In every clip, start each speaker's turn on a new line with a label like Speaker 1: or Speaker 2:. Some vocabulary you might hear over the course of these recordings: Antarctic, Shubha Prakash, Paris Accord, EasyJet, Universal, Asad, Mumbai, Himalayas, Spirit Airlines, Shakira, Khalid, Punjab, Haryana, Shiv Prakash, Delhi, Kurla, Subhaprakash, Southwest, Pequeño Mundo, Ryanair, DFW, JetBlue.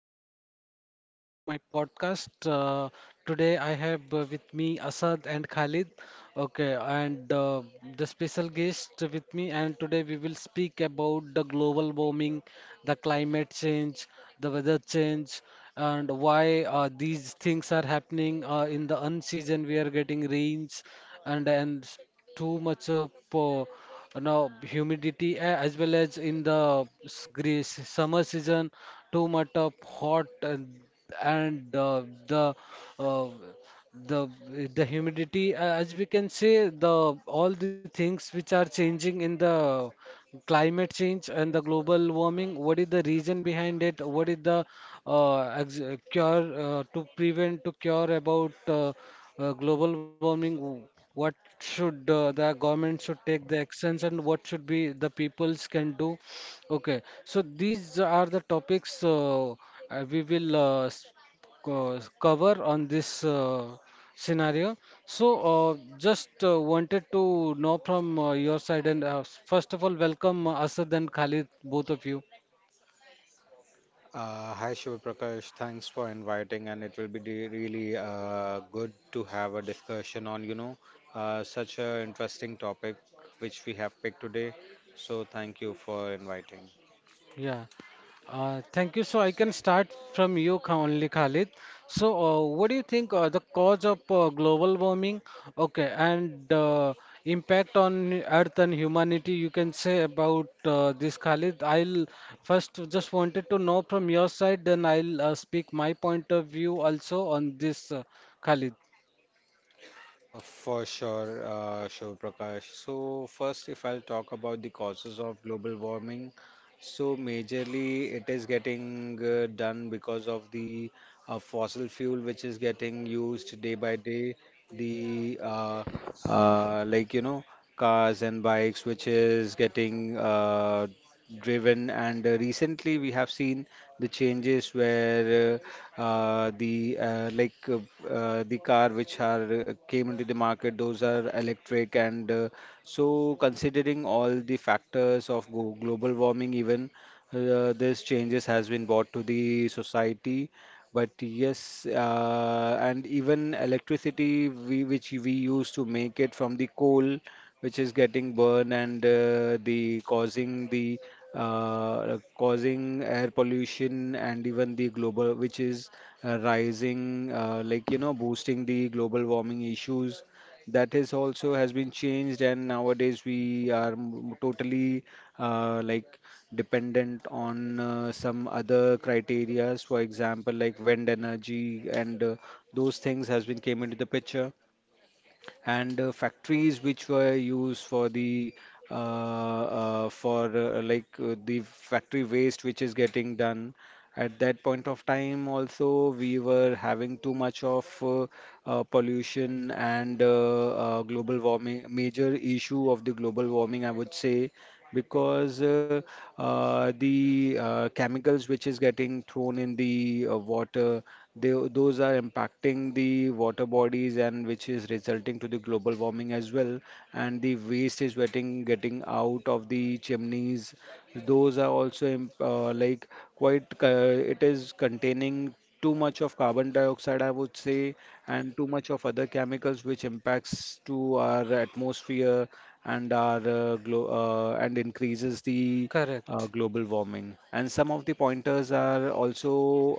Speaker 1: Subhaprakash and welcome to my podcast. Today I have with me Asad and Khalid. Okay, and the special guest with me, and today we will speak about the global warming, the climate change, the weather change, and why these things are happening in the unseason. We are getting rains and too much of humidity as well as in the summer season, too much of hot and uh, the the humidity, as we can say, the all the things which are changing in the climate change and the global warming. What is the reason behind it? What is the ex cure, to prevent to cure about global warming? What should, the government should take the actions, and what should be the peoples can do? Okay, so these are the topics we will co- cover on this. Scenario. So, just wanted to know from your side, and first of all, welcome, Asad and Khalid, both of you.
Speaker 2: Hi Shiv Prakash, thanks for inviting, and it will be really good to have a discussion on, you know, such an interesting topic which we have picked today. So thank you for inviting.
Speaker 1: Yeah, thank you. So, I can start from you Khalid. So, what do you think the cause of global warming? Okay, and impact on Earth and humanity. You can say about this, Khalid. I'll first just wanted to know from your side, then I'll speak my point of view also on this, Khalid.
Speaker 2: For sure, Shiv Prakash. So, first, if I'll talk about the causes of global warming, so majorly it is getting done because of the fossil fuel which is getting used day by day. The Like you know, cars and bikes which is getting driven, and recently we have seen the changes where uh, uh, the uh, like uh, the car which are came into the market, those are electric. And so considering all the factors of go global warming, even these changes has been brought to the society. But yes, and even electricity we, which we used to make it from the coal which is getting burned, and the causing air pollution, and even the global which is rising, like you know, boosting the global warming issues, that is also has been changed. And nowadays we are totally uh, like dependent on some other criterias, for example like wind energy. And those things has been came into the picture. And factories which were used for the for like the factory waste which is getting done at that point of time, also we were having too much of pollution and global warming, major issue of the global warming, I would say. Because the chemicals which is getting thrown in the water, they, those are impacting the water bodies and which is resulting to the global warming as well. And the waste is getting out of the chimneys, those are also like quite it is containing too much of carbon dioxide, I would say, and too much of other chemicals which impacts to our atmosphere. And our and increases the
Speaker 1: Correct.
Speaker 2: global warming. And some of the pointers are also,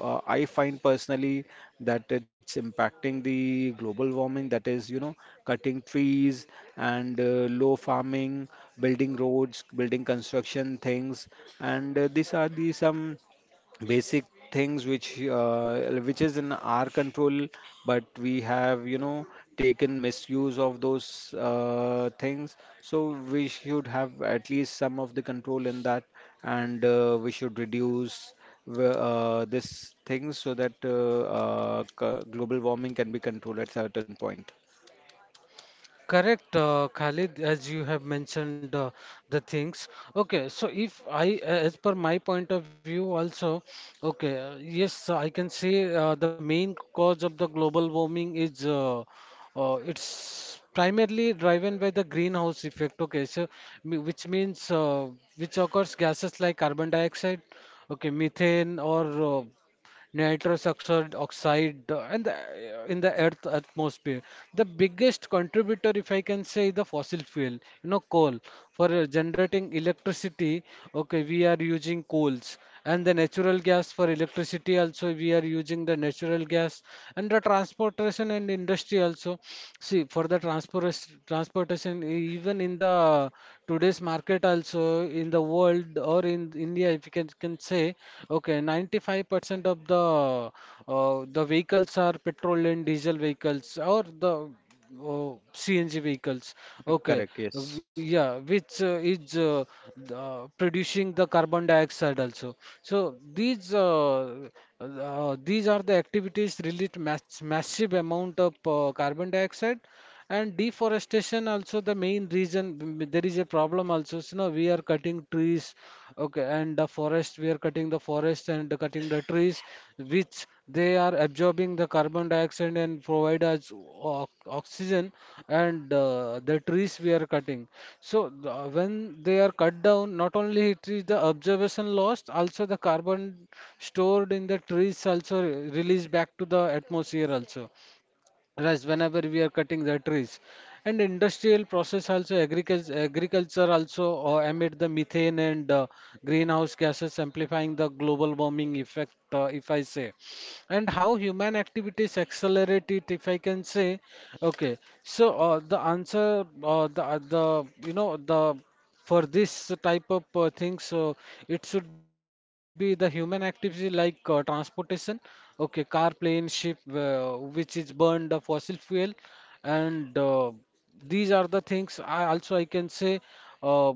Speaker 2: I find personally that it's impacting the global warming. That is, you know, cutting trees and low farming, building roads, building construction things, and these are the some basic things which, which is in our control, but we have, you know, taken misuse of those things. So we should have at least some of the control in that. And we should reduce this things, so that global warming can be controlled at certain point.
Speaker 1: Correct, Khalid, as you have mentioned the things. Okay, so if I, as per my point of view, also, okay, yes, I can say the main cause of the global warming is it's primarily driven by the greenhouse effect. Okay, so which means which occurs gases like carbon dioxide, okay, methane or nitrous oxide and the, in the earth atmosphere. The biggest contributor, if I can say, the fossil fuel, you know, coal. For generating electricity, okay, we are using coals. And the natural gas for electricity also, we are using the natural gas. And the transportation and industry also. See, for the transportation, even in the today's market also, in the world or in India, if you can say, okay, 95% of the vehicles are petrol and diesel vehicles or the CNG vehicles. Okay,
Speaker 2: Correct, yes.
Speaker 1: yeah, which is the, producing the carbon dioxide also. So these are the activities release massive amount of carbon dioxide, and deforestation also the main reason. There is a problem also, so now we are cutting trees, okay, and the forest, we are cutting the forest and cutting the trees, which they are absorbing the carbon dioxide and provide us oxygen, and the trees we are cutting. So when they are cut down, not only it is the observation lost, also the carbon stored in the trees also released back to the atmosphere also rice whenever we are cutting the trees. And industrial process also, agriculture also emit the methane and greenhouse gases amplifying the global warming effect, if I say. And how human activities accelerate it, if I can say. Okay, so the answer the you know the for this type of things, so it should be the human activity like transportation, okay, car, plane, ship, which is burned fossil fuel. And these are the things. I can say, uh,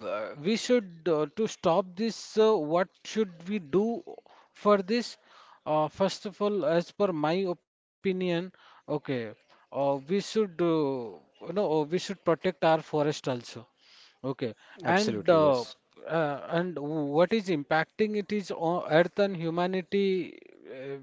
Speaker 1: b- we should, to stop this, what should we do for this. First of all, as per my opinion, okay, we should, we should protect our forest also. Okay, and
Speaker 2: Absolutely,
Speaker 1: uh,
Speaker 2: yes.
Speaker 1: and what is impacting it is on Earth and humanity. Uh,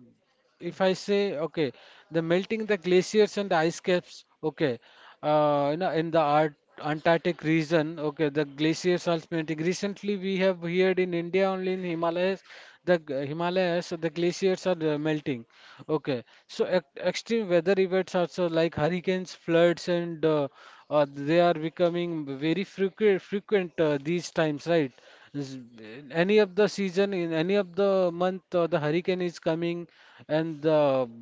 Speaker 1: if I say, okay, the melting the glaciers and the ice caps. Okay, you know, in the Ar Antarctic region. Okay, the glaciers ultimately, recently we have heard in India only in Himalayas, the Himalayas, the glaciers are melting. Okay, so ex extreme weather events also, like hurricanes, floods, and they are becoming very frequent these times, right? In any of the season, in any of the month, the hurricane is coming, and the,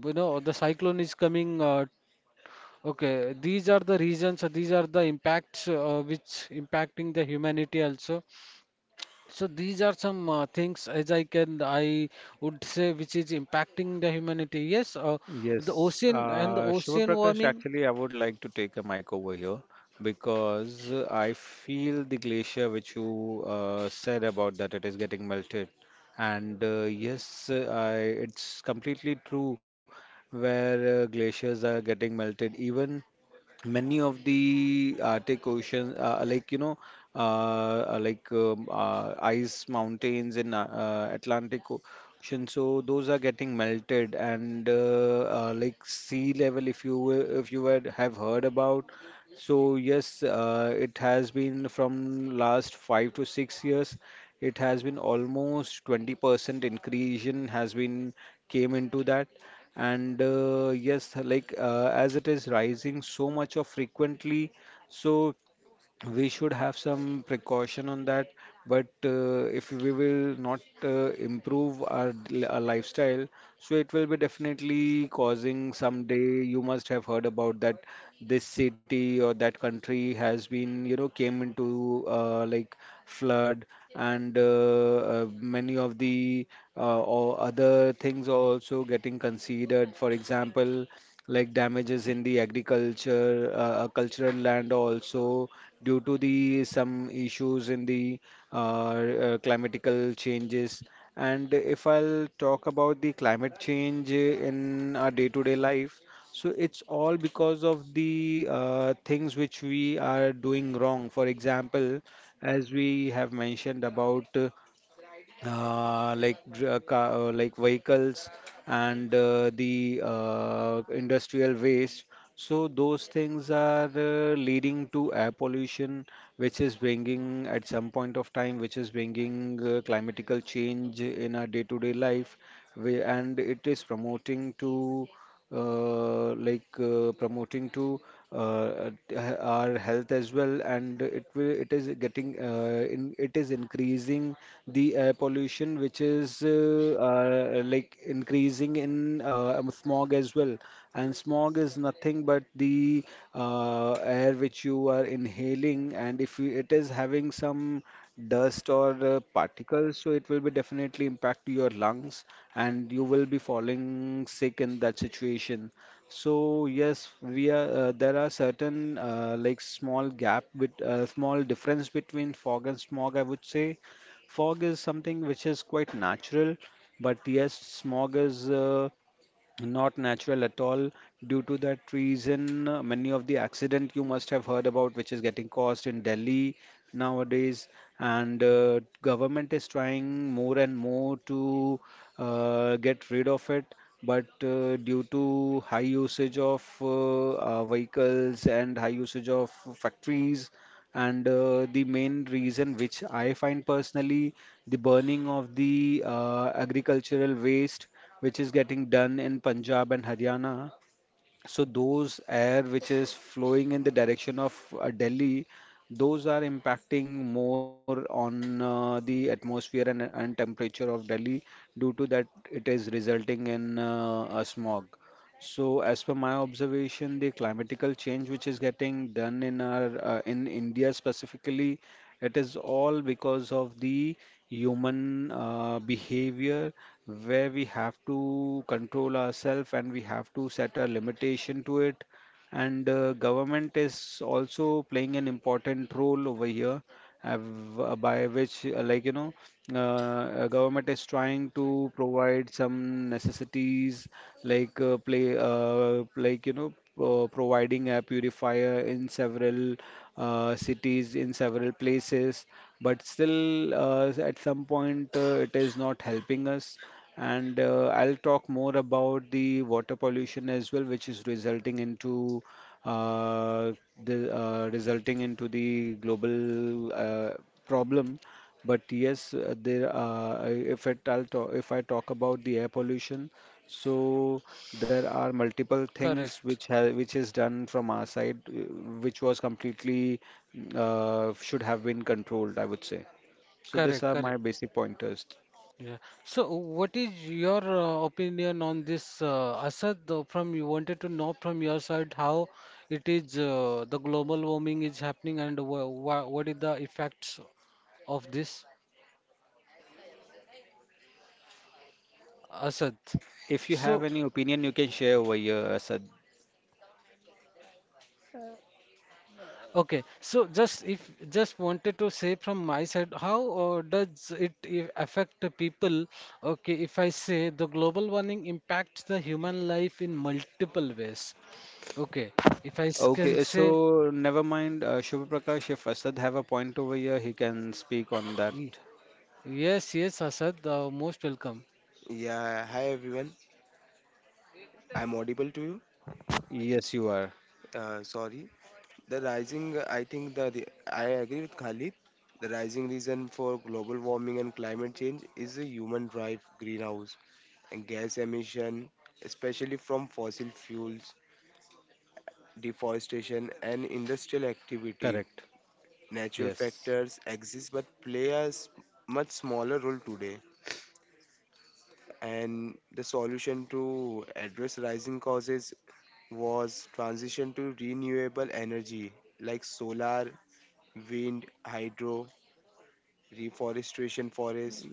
Speaker 1: you know, the cyclone is coming. Okay, these are the reasons, these are the impacts which impacting the humanity also. So these are some things, as I would say, which is impacting the humanity. Yes, the
Speaker 2: Yes,
Speaker 1: ocean and the
Speaker 2: Shubha
Speaker 1: ocean
Speaker 2: Prakash,
Speaker 1: warming.
Speaker 2: actually, I would like to take a mic over here, because I feel the glacier which you said about, that it is getting melted. And yes, it's completely true where glaciers are getting melted. Even many of the Arctic Ocean, like you know, uh, like ice mountains in Atlantic Ocean, so those are getting melted. And like sea level, if you if you had have heard about, so yes, it has been from last 5 to 6 years. It has been almost 20% increase in has been came into that. And yes, like, as it is rising so much of frequently, so we should have some precaution on that. But if we will not improve our, our lifestyle, so it will be definitely causing someday. You must have heard about that this city or that country has been, you know, came into like flood. And many of the or other things are also getting considered. For example, like damages in the agriculture cultural land also, due to the some issues in the climatical changes. And if I'll talk about the climate change in our day-to-day life, so it's all because of the things which we are doing wrong. For example, as we have mentioned about like vehicles and the industrial waste. So those things are leading to air pollution, which is bringing at some point of time, which is bringing climatical change in our day-to-day life. We, and it is promoting to promoting to our health as well. And it will, it is getting in it is increasing the air pollution, which is like increasing in smog as well. And smog is nothing but the air which you are inhaling, and if you, it is having some dust or particles, so it will be definitely impact to your lungs, and you will be falling sick in that situation. So yes, we are, there are certain like small gap with small difference between fog and smog, I would say. Fog is something which is quite natural, but yes, smog is not natural at all. Due to that reason, many of the accident you must have heard about, which is getting caused in Delhi nowadays. And government is trying more and more to get rid of it. But due to high usage of vehicles and high usage of factories, and the main reason which I find personally, the burning of the agricultural waste which is getting done in Punjab and Haryana. So those air which is flowing in the direction of Delhi, those are impacting more on the atmosphere and temperature of Delhi. Due to that, it is resulting in a smog. So as per my observation, the climatical change which is getting done in our, in India specifically, it is all because of the human behavior, where we have to control ourselves and we have to set a limitation to it. And government is also playing an important role over here, uh, by which, like, you know, government is trying to provide some necessities, like play like you know, providing a purifier in several cities, in several places. But still at some point it is not helping us. And I'll talk more about the water pollution as well, which is resulting into uh, the, resulting into the global problem. But yes, there are, if it, I'll talk, if I talk about the air pollution, so there are multiple things
Speaker 1: Correct,
Speaker 2: which have, which is done from our side, which was completely, should have been controlled, I would say. So these
Speaker 1: correct,
Speaker 2: are my
Speaker 1: correct.
Speaker 2: basic pointers.
Speaker 1: Yeah. So what is your opinion on this, Asad? Though from you, wanted to know from your side how it is, the global warming is happening, and what is the effects of this, Asad?
Speaker 2: If you have
Speaker 1: So
Speaker 2: any opinion, you can share over here, Asad.
Speaker 1: okay, so just if just wanted to say from my side, how does it affect the people? Okay, if I say the global warming impacts the human life in multiple ways. Okay, if I s- can
Speaker 2: Okay,
Speaker 1: say
Speaker 2: so never mind, Shubha Prakash, if Asad have a point over here, he can speak on that.
Speaker 1: y- yes, yes, Asad, most welcome.
Speaker 3: Yeah, hi everyone. I'm audible to you.
Speaker 2: Yes, you are
Speaker 3: Sorry. The rising, I agree with Khalid. The rising reason for global warming and climate change is the human drive greenhouse and gas emission, especially from fossil fuels, deforestation, and industrial activity.
Speaker 2: correct.
Speaker 3: Natural
Speaker 2: Yes.
Speaker 3: factors exist but play much smaller role today. And the solution to address rising causes was transition to renewable energy like solar, wind, hydro, reforestation forest,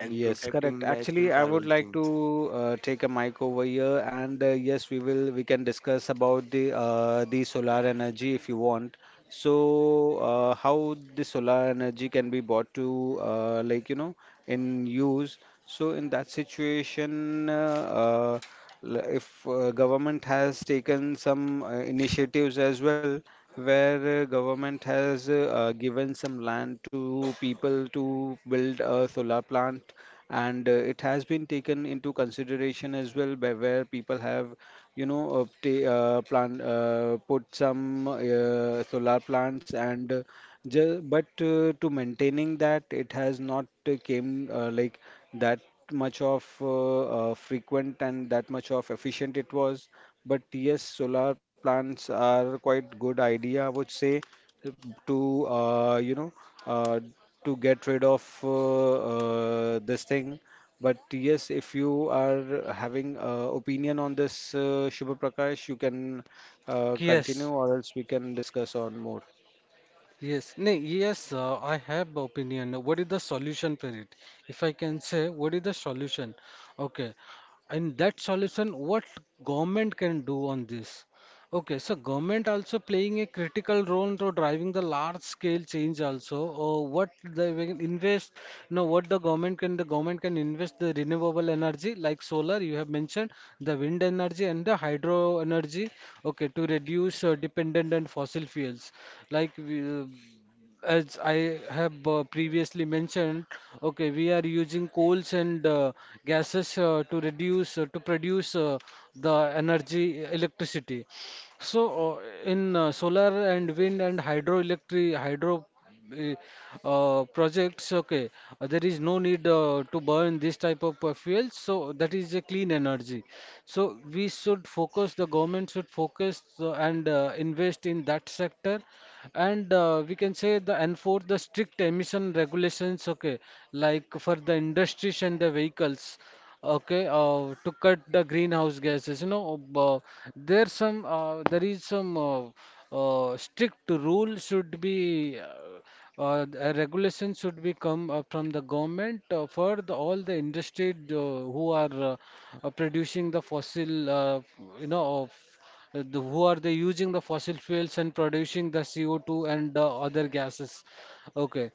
Speaker 3: and
Speaker 2: Yes, correct.
Speaker 3: protecting natural
Speaker 2: Actually, I would
Speaker 3: carbon
Speaker 2: like
Speaker 3: sinks.
Speaker 2: to take a mic over here. And yes, we will, we can discuss about the, the solar energy if you want. So, how the solar energy can be brought to, like you know, in use. So, in that situation, if government has taken some initiatives as well, where government has given some land to people to build a solar plant. And it has been taken into consideration as well, by where people have, you know, plan, put some solar plants. And but to maintaining that, it has not came like that much of frequent and that much of efficient it was. But yes, solar plants are quite good idea, I would say, to, you know, uh, to get rid of this thing. But yes, if you are having opinion on this, Shubha Prakash, you can
Speaker 1: Yes,
Speaker 2: continue, or else we can discuss on more.
Speaker 1: yes, no, yes, I have opinion. What is the solution for it? If I can say, what is the solution? Okay, and that solution, what government can do on this? Okay, so government also playing a critical role to driving the large scale change also. What they will invest, no, what the government can invest the renewable energy like solar you have mentioned, the wind energy and the hydro energy. Okay, to reduce dependent on fossil fuels. Like we, as I have previously mentioned, okay, we are using coals and gases to produce the energy electricity. So, in solar and wind and eh, projects, okay, there is no need to burn this type of fuels. So that is a clean energy. So we should focus. The government should focus and invest in that sector, and we can say, the enforce the strict emission regulations. Okay, like for the industries and the vehicles, okay, to cut the greenhouse gases, you know. There is some strict rule should be, a regulation should be come, from the government, for the, all the industry who are producing the fossil, you know of the, who are they using the fossil fuels and producing the CO2 and other gases. Okay,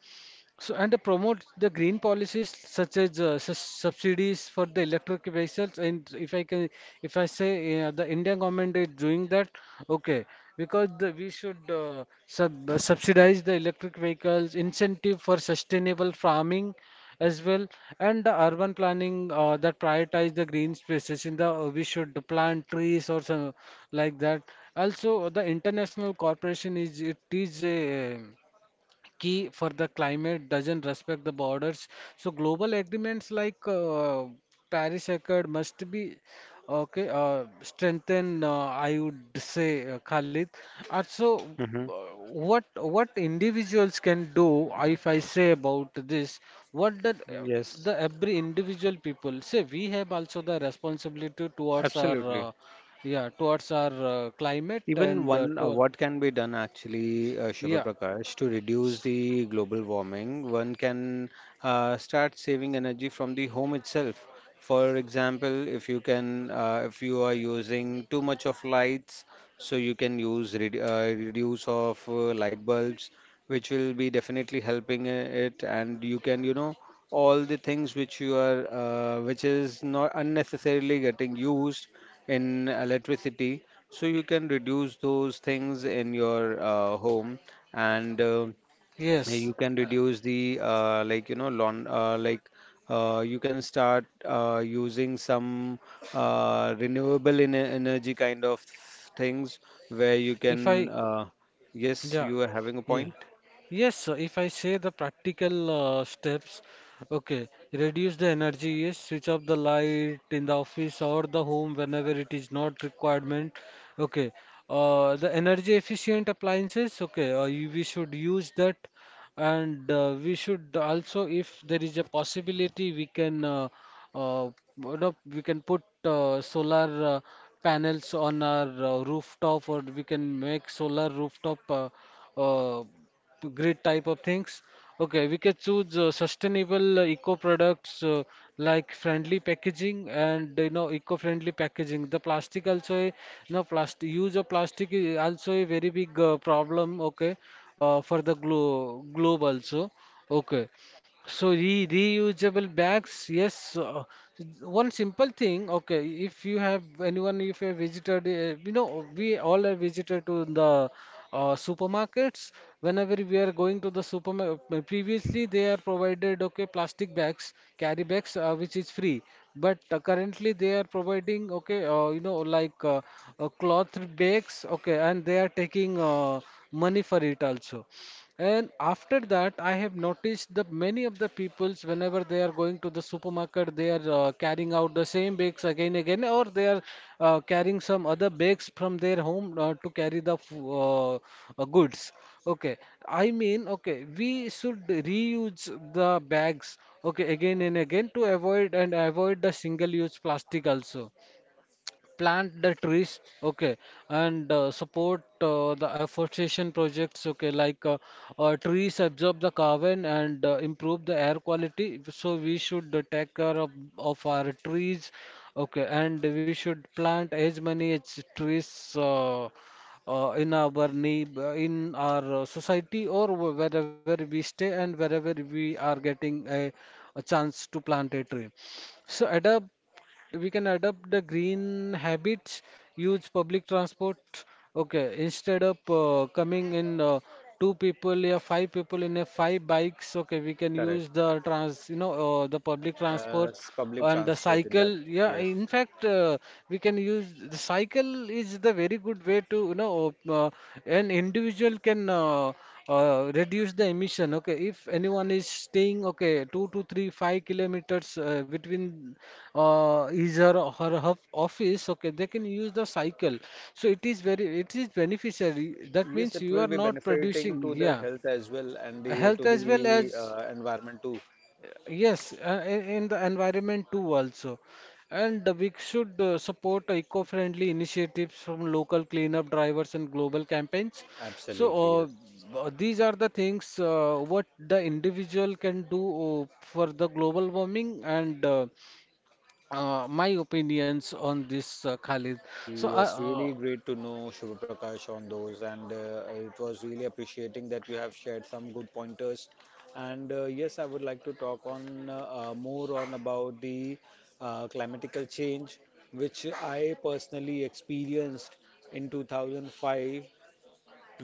Speaker 1: so, and promote the green policies such as subsidies for the electric vehicles. And if I can, if I say the Indian government is doing that, okay, because the, we should subsidize the electric vehicles, incentive for sustainable farming as well, and the urban planning that prioritize the green spaces. In the, we should plant trees or some like that. Also, the international corporation is, it is a key for the climate doesn't respect the borders. So global agreements like Paris Accord must be, okay, strengthened, I would say, Khalid. Also,
Speaker 2: Hmm.
Speaker 1: what individuals can do, if I say about this? What that
Speaker 2: Yes,
Speaker 1: the every individual people say, we have also the responsibility towards our
Speaker 2: absolutely.
Speaker 1: yeah, towards our climate
Speaker 2: Even
Speaker 1: and
Speaker 2: one,
Speaker 1: to
Speaker 2: what can be done actually, Shubha
Speaker 1: yeah,
Speaker 2: Prakash, to reduce the global warming? One can start saving energy from the home itself. For example, if you can, if you are using too much of lights, so you can use re reduce of light bulbs, which will be definitely helping it. And you can, you know, all the things which you are, which is not unnecessarily getting used in electricity. So you can reduce those things in your home. And
Speaker 1: yes.
Speaker 2: you can
Speaker 1: Uh,
Speaker 2: reduce the like you know, lawn like you can start using some renewable en energy kind of things where you
Speaker 1: if
Speaker 2: can,
Speaker 1: I
Speaker 2: yes,
Speaker 1: Yeah.
Speaker 2: you are having a
Speaker 1: Yeah.
Speaker 2: point.
Speaker 1: Yes, sir. If I say the practical steps, okay, reduce the energy, yes, switch off the light in the office or the home whenever it is not requirement. Okay, the energy efficient appliances, okay, you, we should use that. And we should also, if there is a possibility, we can, uh, we can put solar panels on our rooftop, or we can make solar rooftop uh, great type of things. Okay, we can choose sustainable eco products, like friendly packaging and, you know, eco-friendly packaging. The plastic also, a now plastic, use of plastic is also a very big problem. Okay, for the globe also. Okay, so re reusable bags, yes. One simple thing, okay. If you have anyone, if you have visited, you know, we all have visited to the supermarkets. Whenever we are going to the supermarket, previously they are provided, okay, plastic bags, carry bags, which is free. But currently they are providing, okay, cloth bags, okay, and they are taking money for it also. And after that, I have noticed that many of the peoples, whenever they are going to the supermarket, they are carrying out the same bags again again, or they are carrying some other bags from their home to carry the goods. Okay, I mean, okay, we should reuse the bags, okay, again and again to avoid and avoid the single-use plastic also, plant the trees, okay, and support the afforestation projects, okay, trees absorb the carbon and improve the air quality, so we should take care of our trees, okay, and we should plant as many as trees in our in our society, or wherever we stay and wherever we are getting a chance to plant a tree. So adapt we can adopt the green habits, use public transport. Okay, instead of coming in two people, yeah, five people in a five bikes. Okay, we can use
Speaker 2: Correct.
Speaker 1: the you know, the public transport
Speaker 2: Public
Speaker 1: and the
Speaker 2: transport in that.
Speaker 1: cycle. Yeah,
Speaker 2: Yes.
Speaker 1: in fact, we can use the cycle is the very good way to you know an individual can reduce the emission. Okay, if anyone is staying, okay, 2 to 3, 5 kilometers between his or her office, okay, they can use the cycle. So it is very, it is beneficiary. That
Speaker 2: Yes,
Speaker 1: means
Speaker 2: it
Speaker 1: you
Speaker 2: will
Speaker 1: are
Speaker 2: be
Speaker 1: not
Speaker 2: benefiting
Speaker 1: producing,
Speaker 2: to the
Speaker 1: yeah,
Speaker 2: health as well and to
Speaker 1: health as well
Speaker 2: the
Speaker 1: as,
Speaker 2: environment too.
Speaker 1: yes, in the environment too also. And we should support eco-friendly initiatives from local cleanup drivers and global campaigns. So
Speaker 2: Absolutely, yes.
Speaker 1: these are the things what the individual can do for the global warming and my opinions on this, Khalid. So
Speaker 2: Yes, really great to know Shubha Prakash on those, and it was really appreciating that you have shared some good pointers. And yes, I would like to talk on more on about the climatical change, which I personally experienced in 2005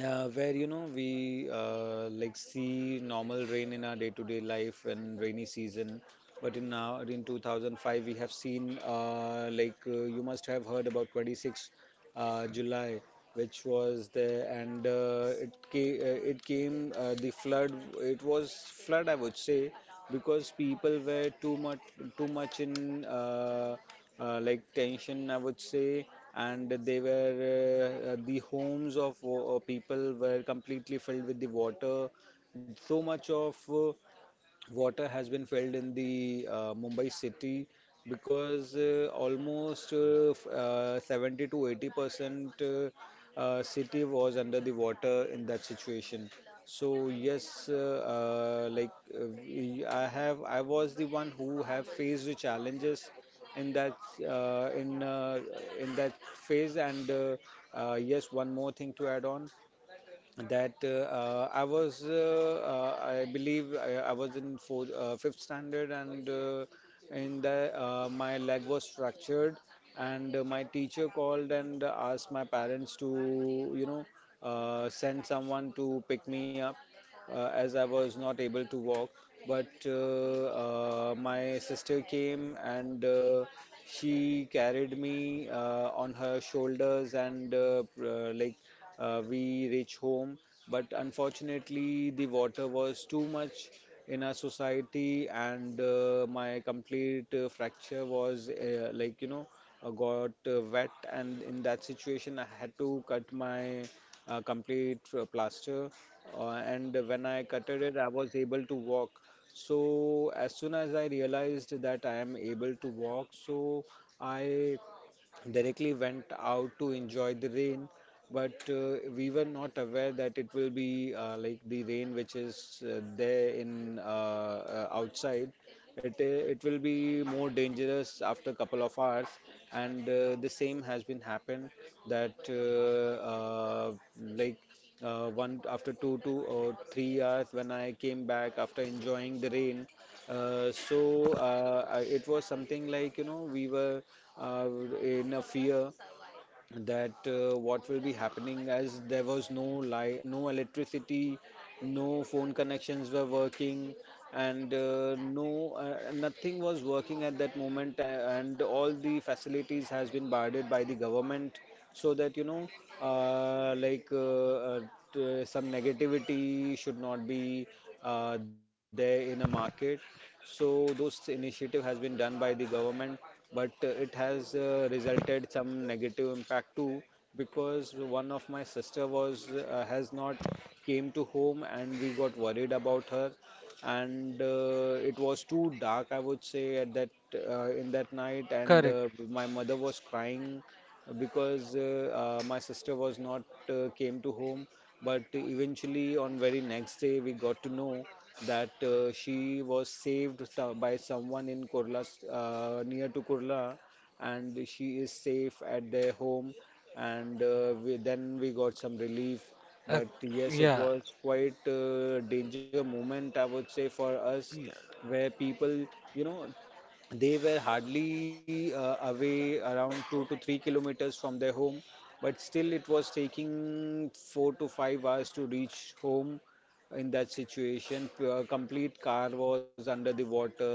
Speaker 2: where we like see normal rain in our day-to-day life and rainy season, but in now in 2005 we have seen like you must have heard about 26 July, which was there, and it came the flood. It was flood, I would say, because people were too much in like tension, I would say, and they were the homes of people were completely filled with the water. So much of water has been filled in the Mumbai city, because almost 70 to 80% city was under the water in that situation. So yes, like I have, I was the one who have faced the challenges in that, uh, in uh, in that phase. And yes, one more thing to add on, that I was, I believe, I was in fourth, fifth standard, and in the my leg was fractured, and my teacher called and asked my parents to, send someone to pick me up, as I was not able to walk. But my sister came and she carried me on her shoulders and like we reach home, but unfortunately, the water was too much in our society, and my complete fracture was like got wet, and in that situation, I had to cut my complete plaster, and when I cut it, I was able to walk. So as soon as I realized that I am able to walk, so I directly went out to enjoy the rain. But we were not aware that it will be like the rain which is there in outside, it will be more dangerous after a couple of hours. And the same has been happened, that uh, like one after 2 or 3 hours when I came back after enjoying the rain, it was something like we were uh, in a fear that what will be happening, as there was no light, no electricity, no phone connections were working, and nothing was working at that moment, and all the facilities has been barred by the government, so that uh, like uh, uh, some negativity should not be there in a market. So those initiative has been done by the government, but it has resulted some negative impact too, because one of my sister was has not came to home, and we got worried about her. And it was too dark, I would say, at that, in that night, and
Speaker 1: correct.
Speaker 2: my mother was crying because my sister was not came to home. But eventually on very next day we got to know that she was saved by someone in Kurla, near to Kurla, and she is safe at their home. And then we got some relief.
Speaker 1: Uh,
Speaker 2: But yes, it
Speaker 1: yeah.
Speaker 2: was quite a danger moment, I would say, for us,
Speaker 1: Yeah,
Speaker 2: where people, you know, they were hardly away around 2 to 3 kilometers from their home, but still it was taking 4 to 5 hours to reach home in that situation. Complete car was under the water,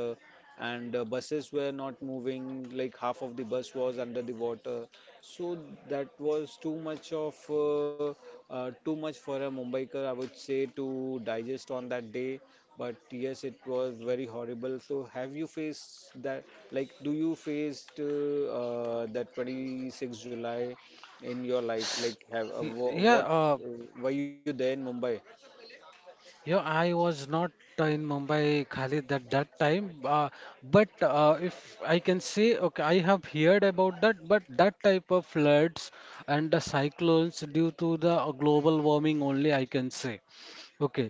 Speaker 2: and buses were not moving. Like half of the bus was under the water, so that was too much for a Mumbaiker, I would say, to digest on that day. But yes, it was very horrible. So have you faced that? Like, do you faced that 26 July in your life? Like,
Speaker 1: yeah.
Speaker 2: what uh, were you there in Mumbai?
Speaker 1: Yeah, I was not in Mumbai, Khalid, at that time. But if I can say, okay, I have heard about that, but that type of floods and the cyclones due to the global warming only, I can say. Okay,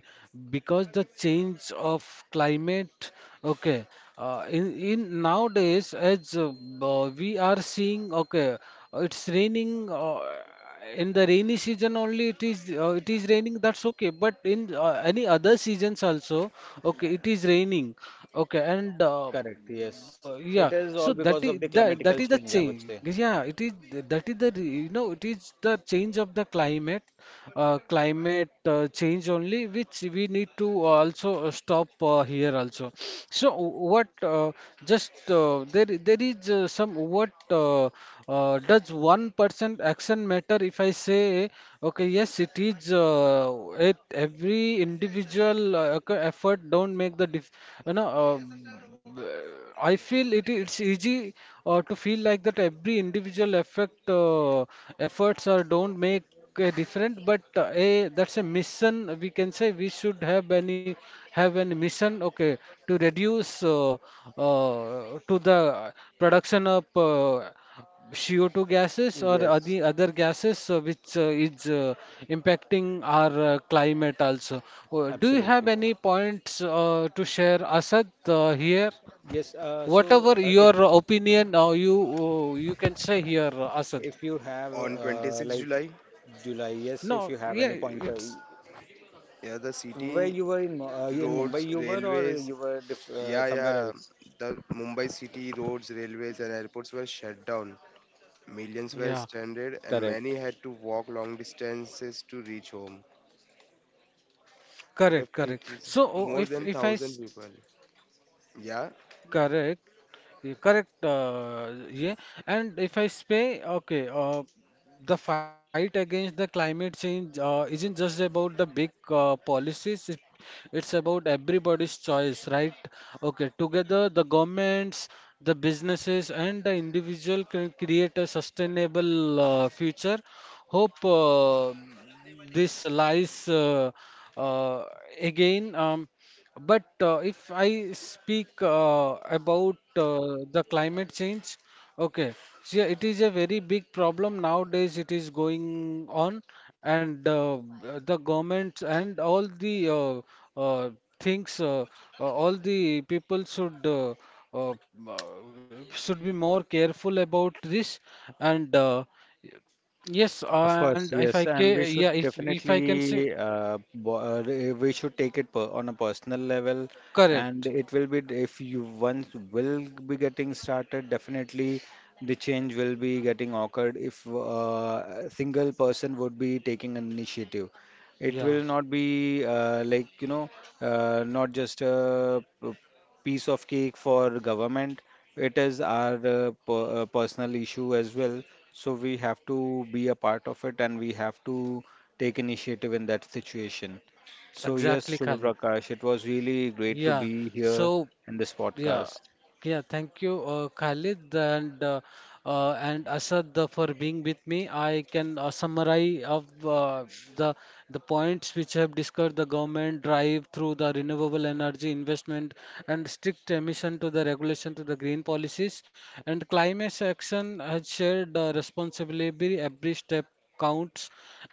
Speaker 1: because the change of climate, okay, in nowadays as we are seeing, okay, it's raining in the rainy season only, it is raining, that's okay, but in any other seasons also, okay, it is raining, okay, and
Speaker 2: Correct, yes.
Speaker 1: but
Speaker 2: It
Speaker 1: yeah,
Speaker 2: is all
Speaker 1: so that
Speaker 2: because of
Speaker 1: is
Speaker 2: the
Speaker 1: that, that
Speaker 2: climatical
Speaker 1: is the
Speaker 2: change, I would
Speaker 1: change.
Speaker 2: say.
Speaker 1: Yeah, it is, that is the you know, it is the change of the climate, climate change only, which we need to also stop here also. So what just there there is some what does one person action matter, if I say? Okay, yes, it is it, every individual effort don't make the you know. Uh, I feel it, it's easy to feel like that every individual effect efforts or don't make a difference, but a that's a mission, we can say, we should have any mission, okay, to reduce to the production of CO2 gases or
Speaker 2: Yes,
Speaker 1: other gases which is impacting our climate also. Do you
Speaker 2: absolutely,
Speaker 1: have
Speaker 2: yes.
Speaker 1: any points to share, Asad, here?
Speaker 2: Yes, so
Speaker 1: Whatever your opinion, you you can say here, Asad.
Speaker 2: if you have
Speaker 3: On 26
Speaker 2: like
Speaker 3: July,
Speaker 2: July, yes, if
Speaker 1: No,
Speaker 2: you have
Speaker 1: yeah,
Speaker 2: any pointer,
Speaker 1: it's,
Speaker 3: yeah, the
Speaker 2: where
Speaker 3: city
Speaker 2: you were in in Mumbai,
Speaker 3: roads,
Speaker 2: you were or
Speaker 3: railways,
Speaker 2: you were diff
Speaker 3: yeah,
Speaker 2: somewhere
Speaker 3: yeah,
Speaker 2: else?
Speaker 3: the Mumbai city roads, railways, and airports were shut down. Millions were
Speaker 1: yeah,
Speaker 3: stranded, and many
Speaker 2: Correct.
Speaker 3: had to walk long distances to reach home. At a
Speaker 1: correct,
Speaker 3: fleet
Speaker 1: correct.
Speaker 3: is
Speaker 1: So
Speaker 3: more
Speaker 1: if
Speaker 3: than thousand people. Yeah,
Speaker 1: correct. Yeah, correct. Yeah, and if I say, okay, the fight against the climate change isn't just about the big policies. It, it's about everybody's choice, right? Okay, together the governments, the businesses, and the individual can create a sustainable future. Hope this lies uh, again. But if I speak about the climate change, okay, see, it is a very big problem nowadays. It is going on, and the governments and all the uh, things, all the people uh, uh, should be more careful about this. And yes,
Speaker 2: Of course,
Speaker 1: and if
Speaker 2: yes,
Speaker 1: I
Speaker 2: and we
Speaker 1: ca
Speaker 2: should
Speaker 1: yeah, if I can say
Speaker 2: definitely we should take it per on a personal level, and
Speaker 1: correct,
Speaker 2: it will be if you once will be getting started, definitely the change will be getting occurred if a single person would be taking an initiative. It
Speaker 1: yeah,
Speaker 2: will not be like not just a piece of cake for government. It is our personal issue as well. So we have to be a part of it and we have to take initiative in that situation. So yes,
Speaker 1: exactly,
Speaker 2: Shubha
Speaker 1: Khalid.
Speaker 2: Prakash, it was really great to
Speaker 1: Yeah.
Speaker 2: be here
Speaker 1: So
Speaker 2: in this
Speaker 1: yeah,
Speaker 2: podcast.
Speaker 1: yeah. Thank you, Khalid and Asad for being with me. I can summarize of the the points which have discussed the government drive through the renewable energy investment and strict emission to the regulation to the green policies, and climate action has shared responsibility, every step counts.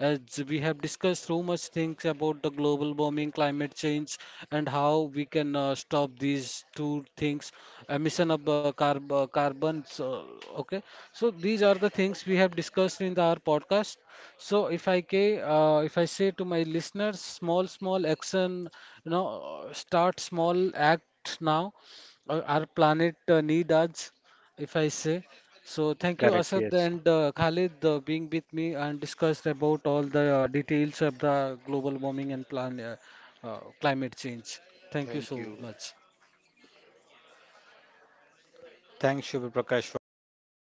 Speaker 1: As we have discussed so much things about the global warming, climate change, and how we can stop these two things, emission of carbons. Okay, so these are the things we have discussed in the, our podcast. So if I if I say to my listeners, small small action, you know, start small, act now. Our planet need us, if I say. So thank you,
Speaker 2: Correct,
Speaker 1: Asad
Speaker 2: yes.
Speaker 1: and Khalid, being with me and discussed about all the details of the global warming and plan climate change. Thank you
Speaker 3: thank
Speaker 1: so
Speaker 3: you.
Speaker 1: much.
Speaker 2: Thanks, Shubha Prakash, for inviting.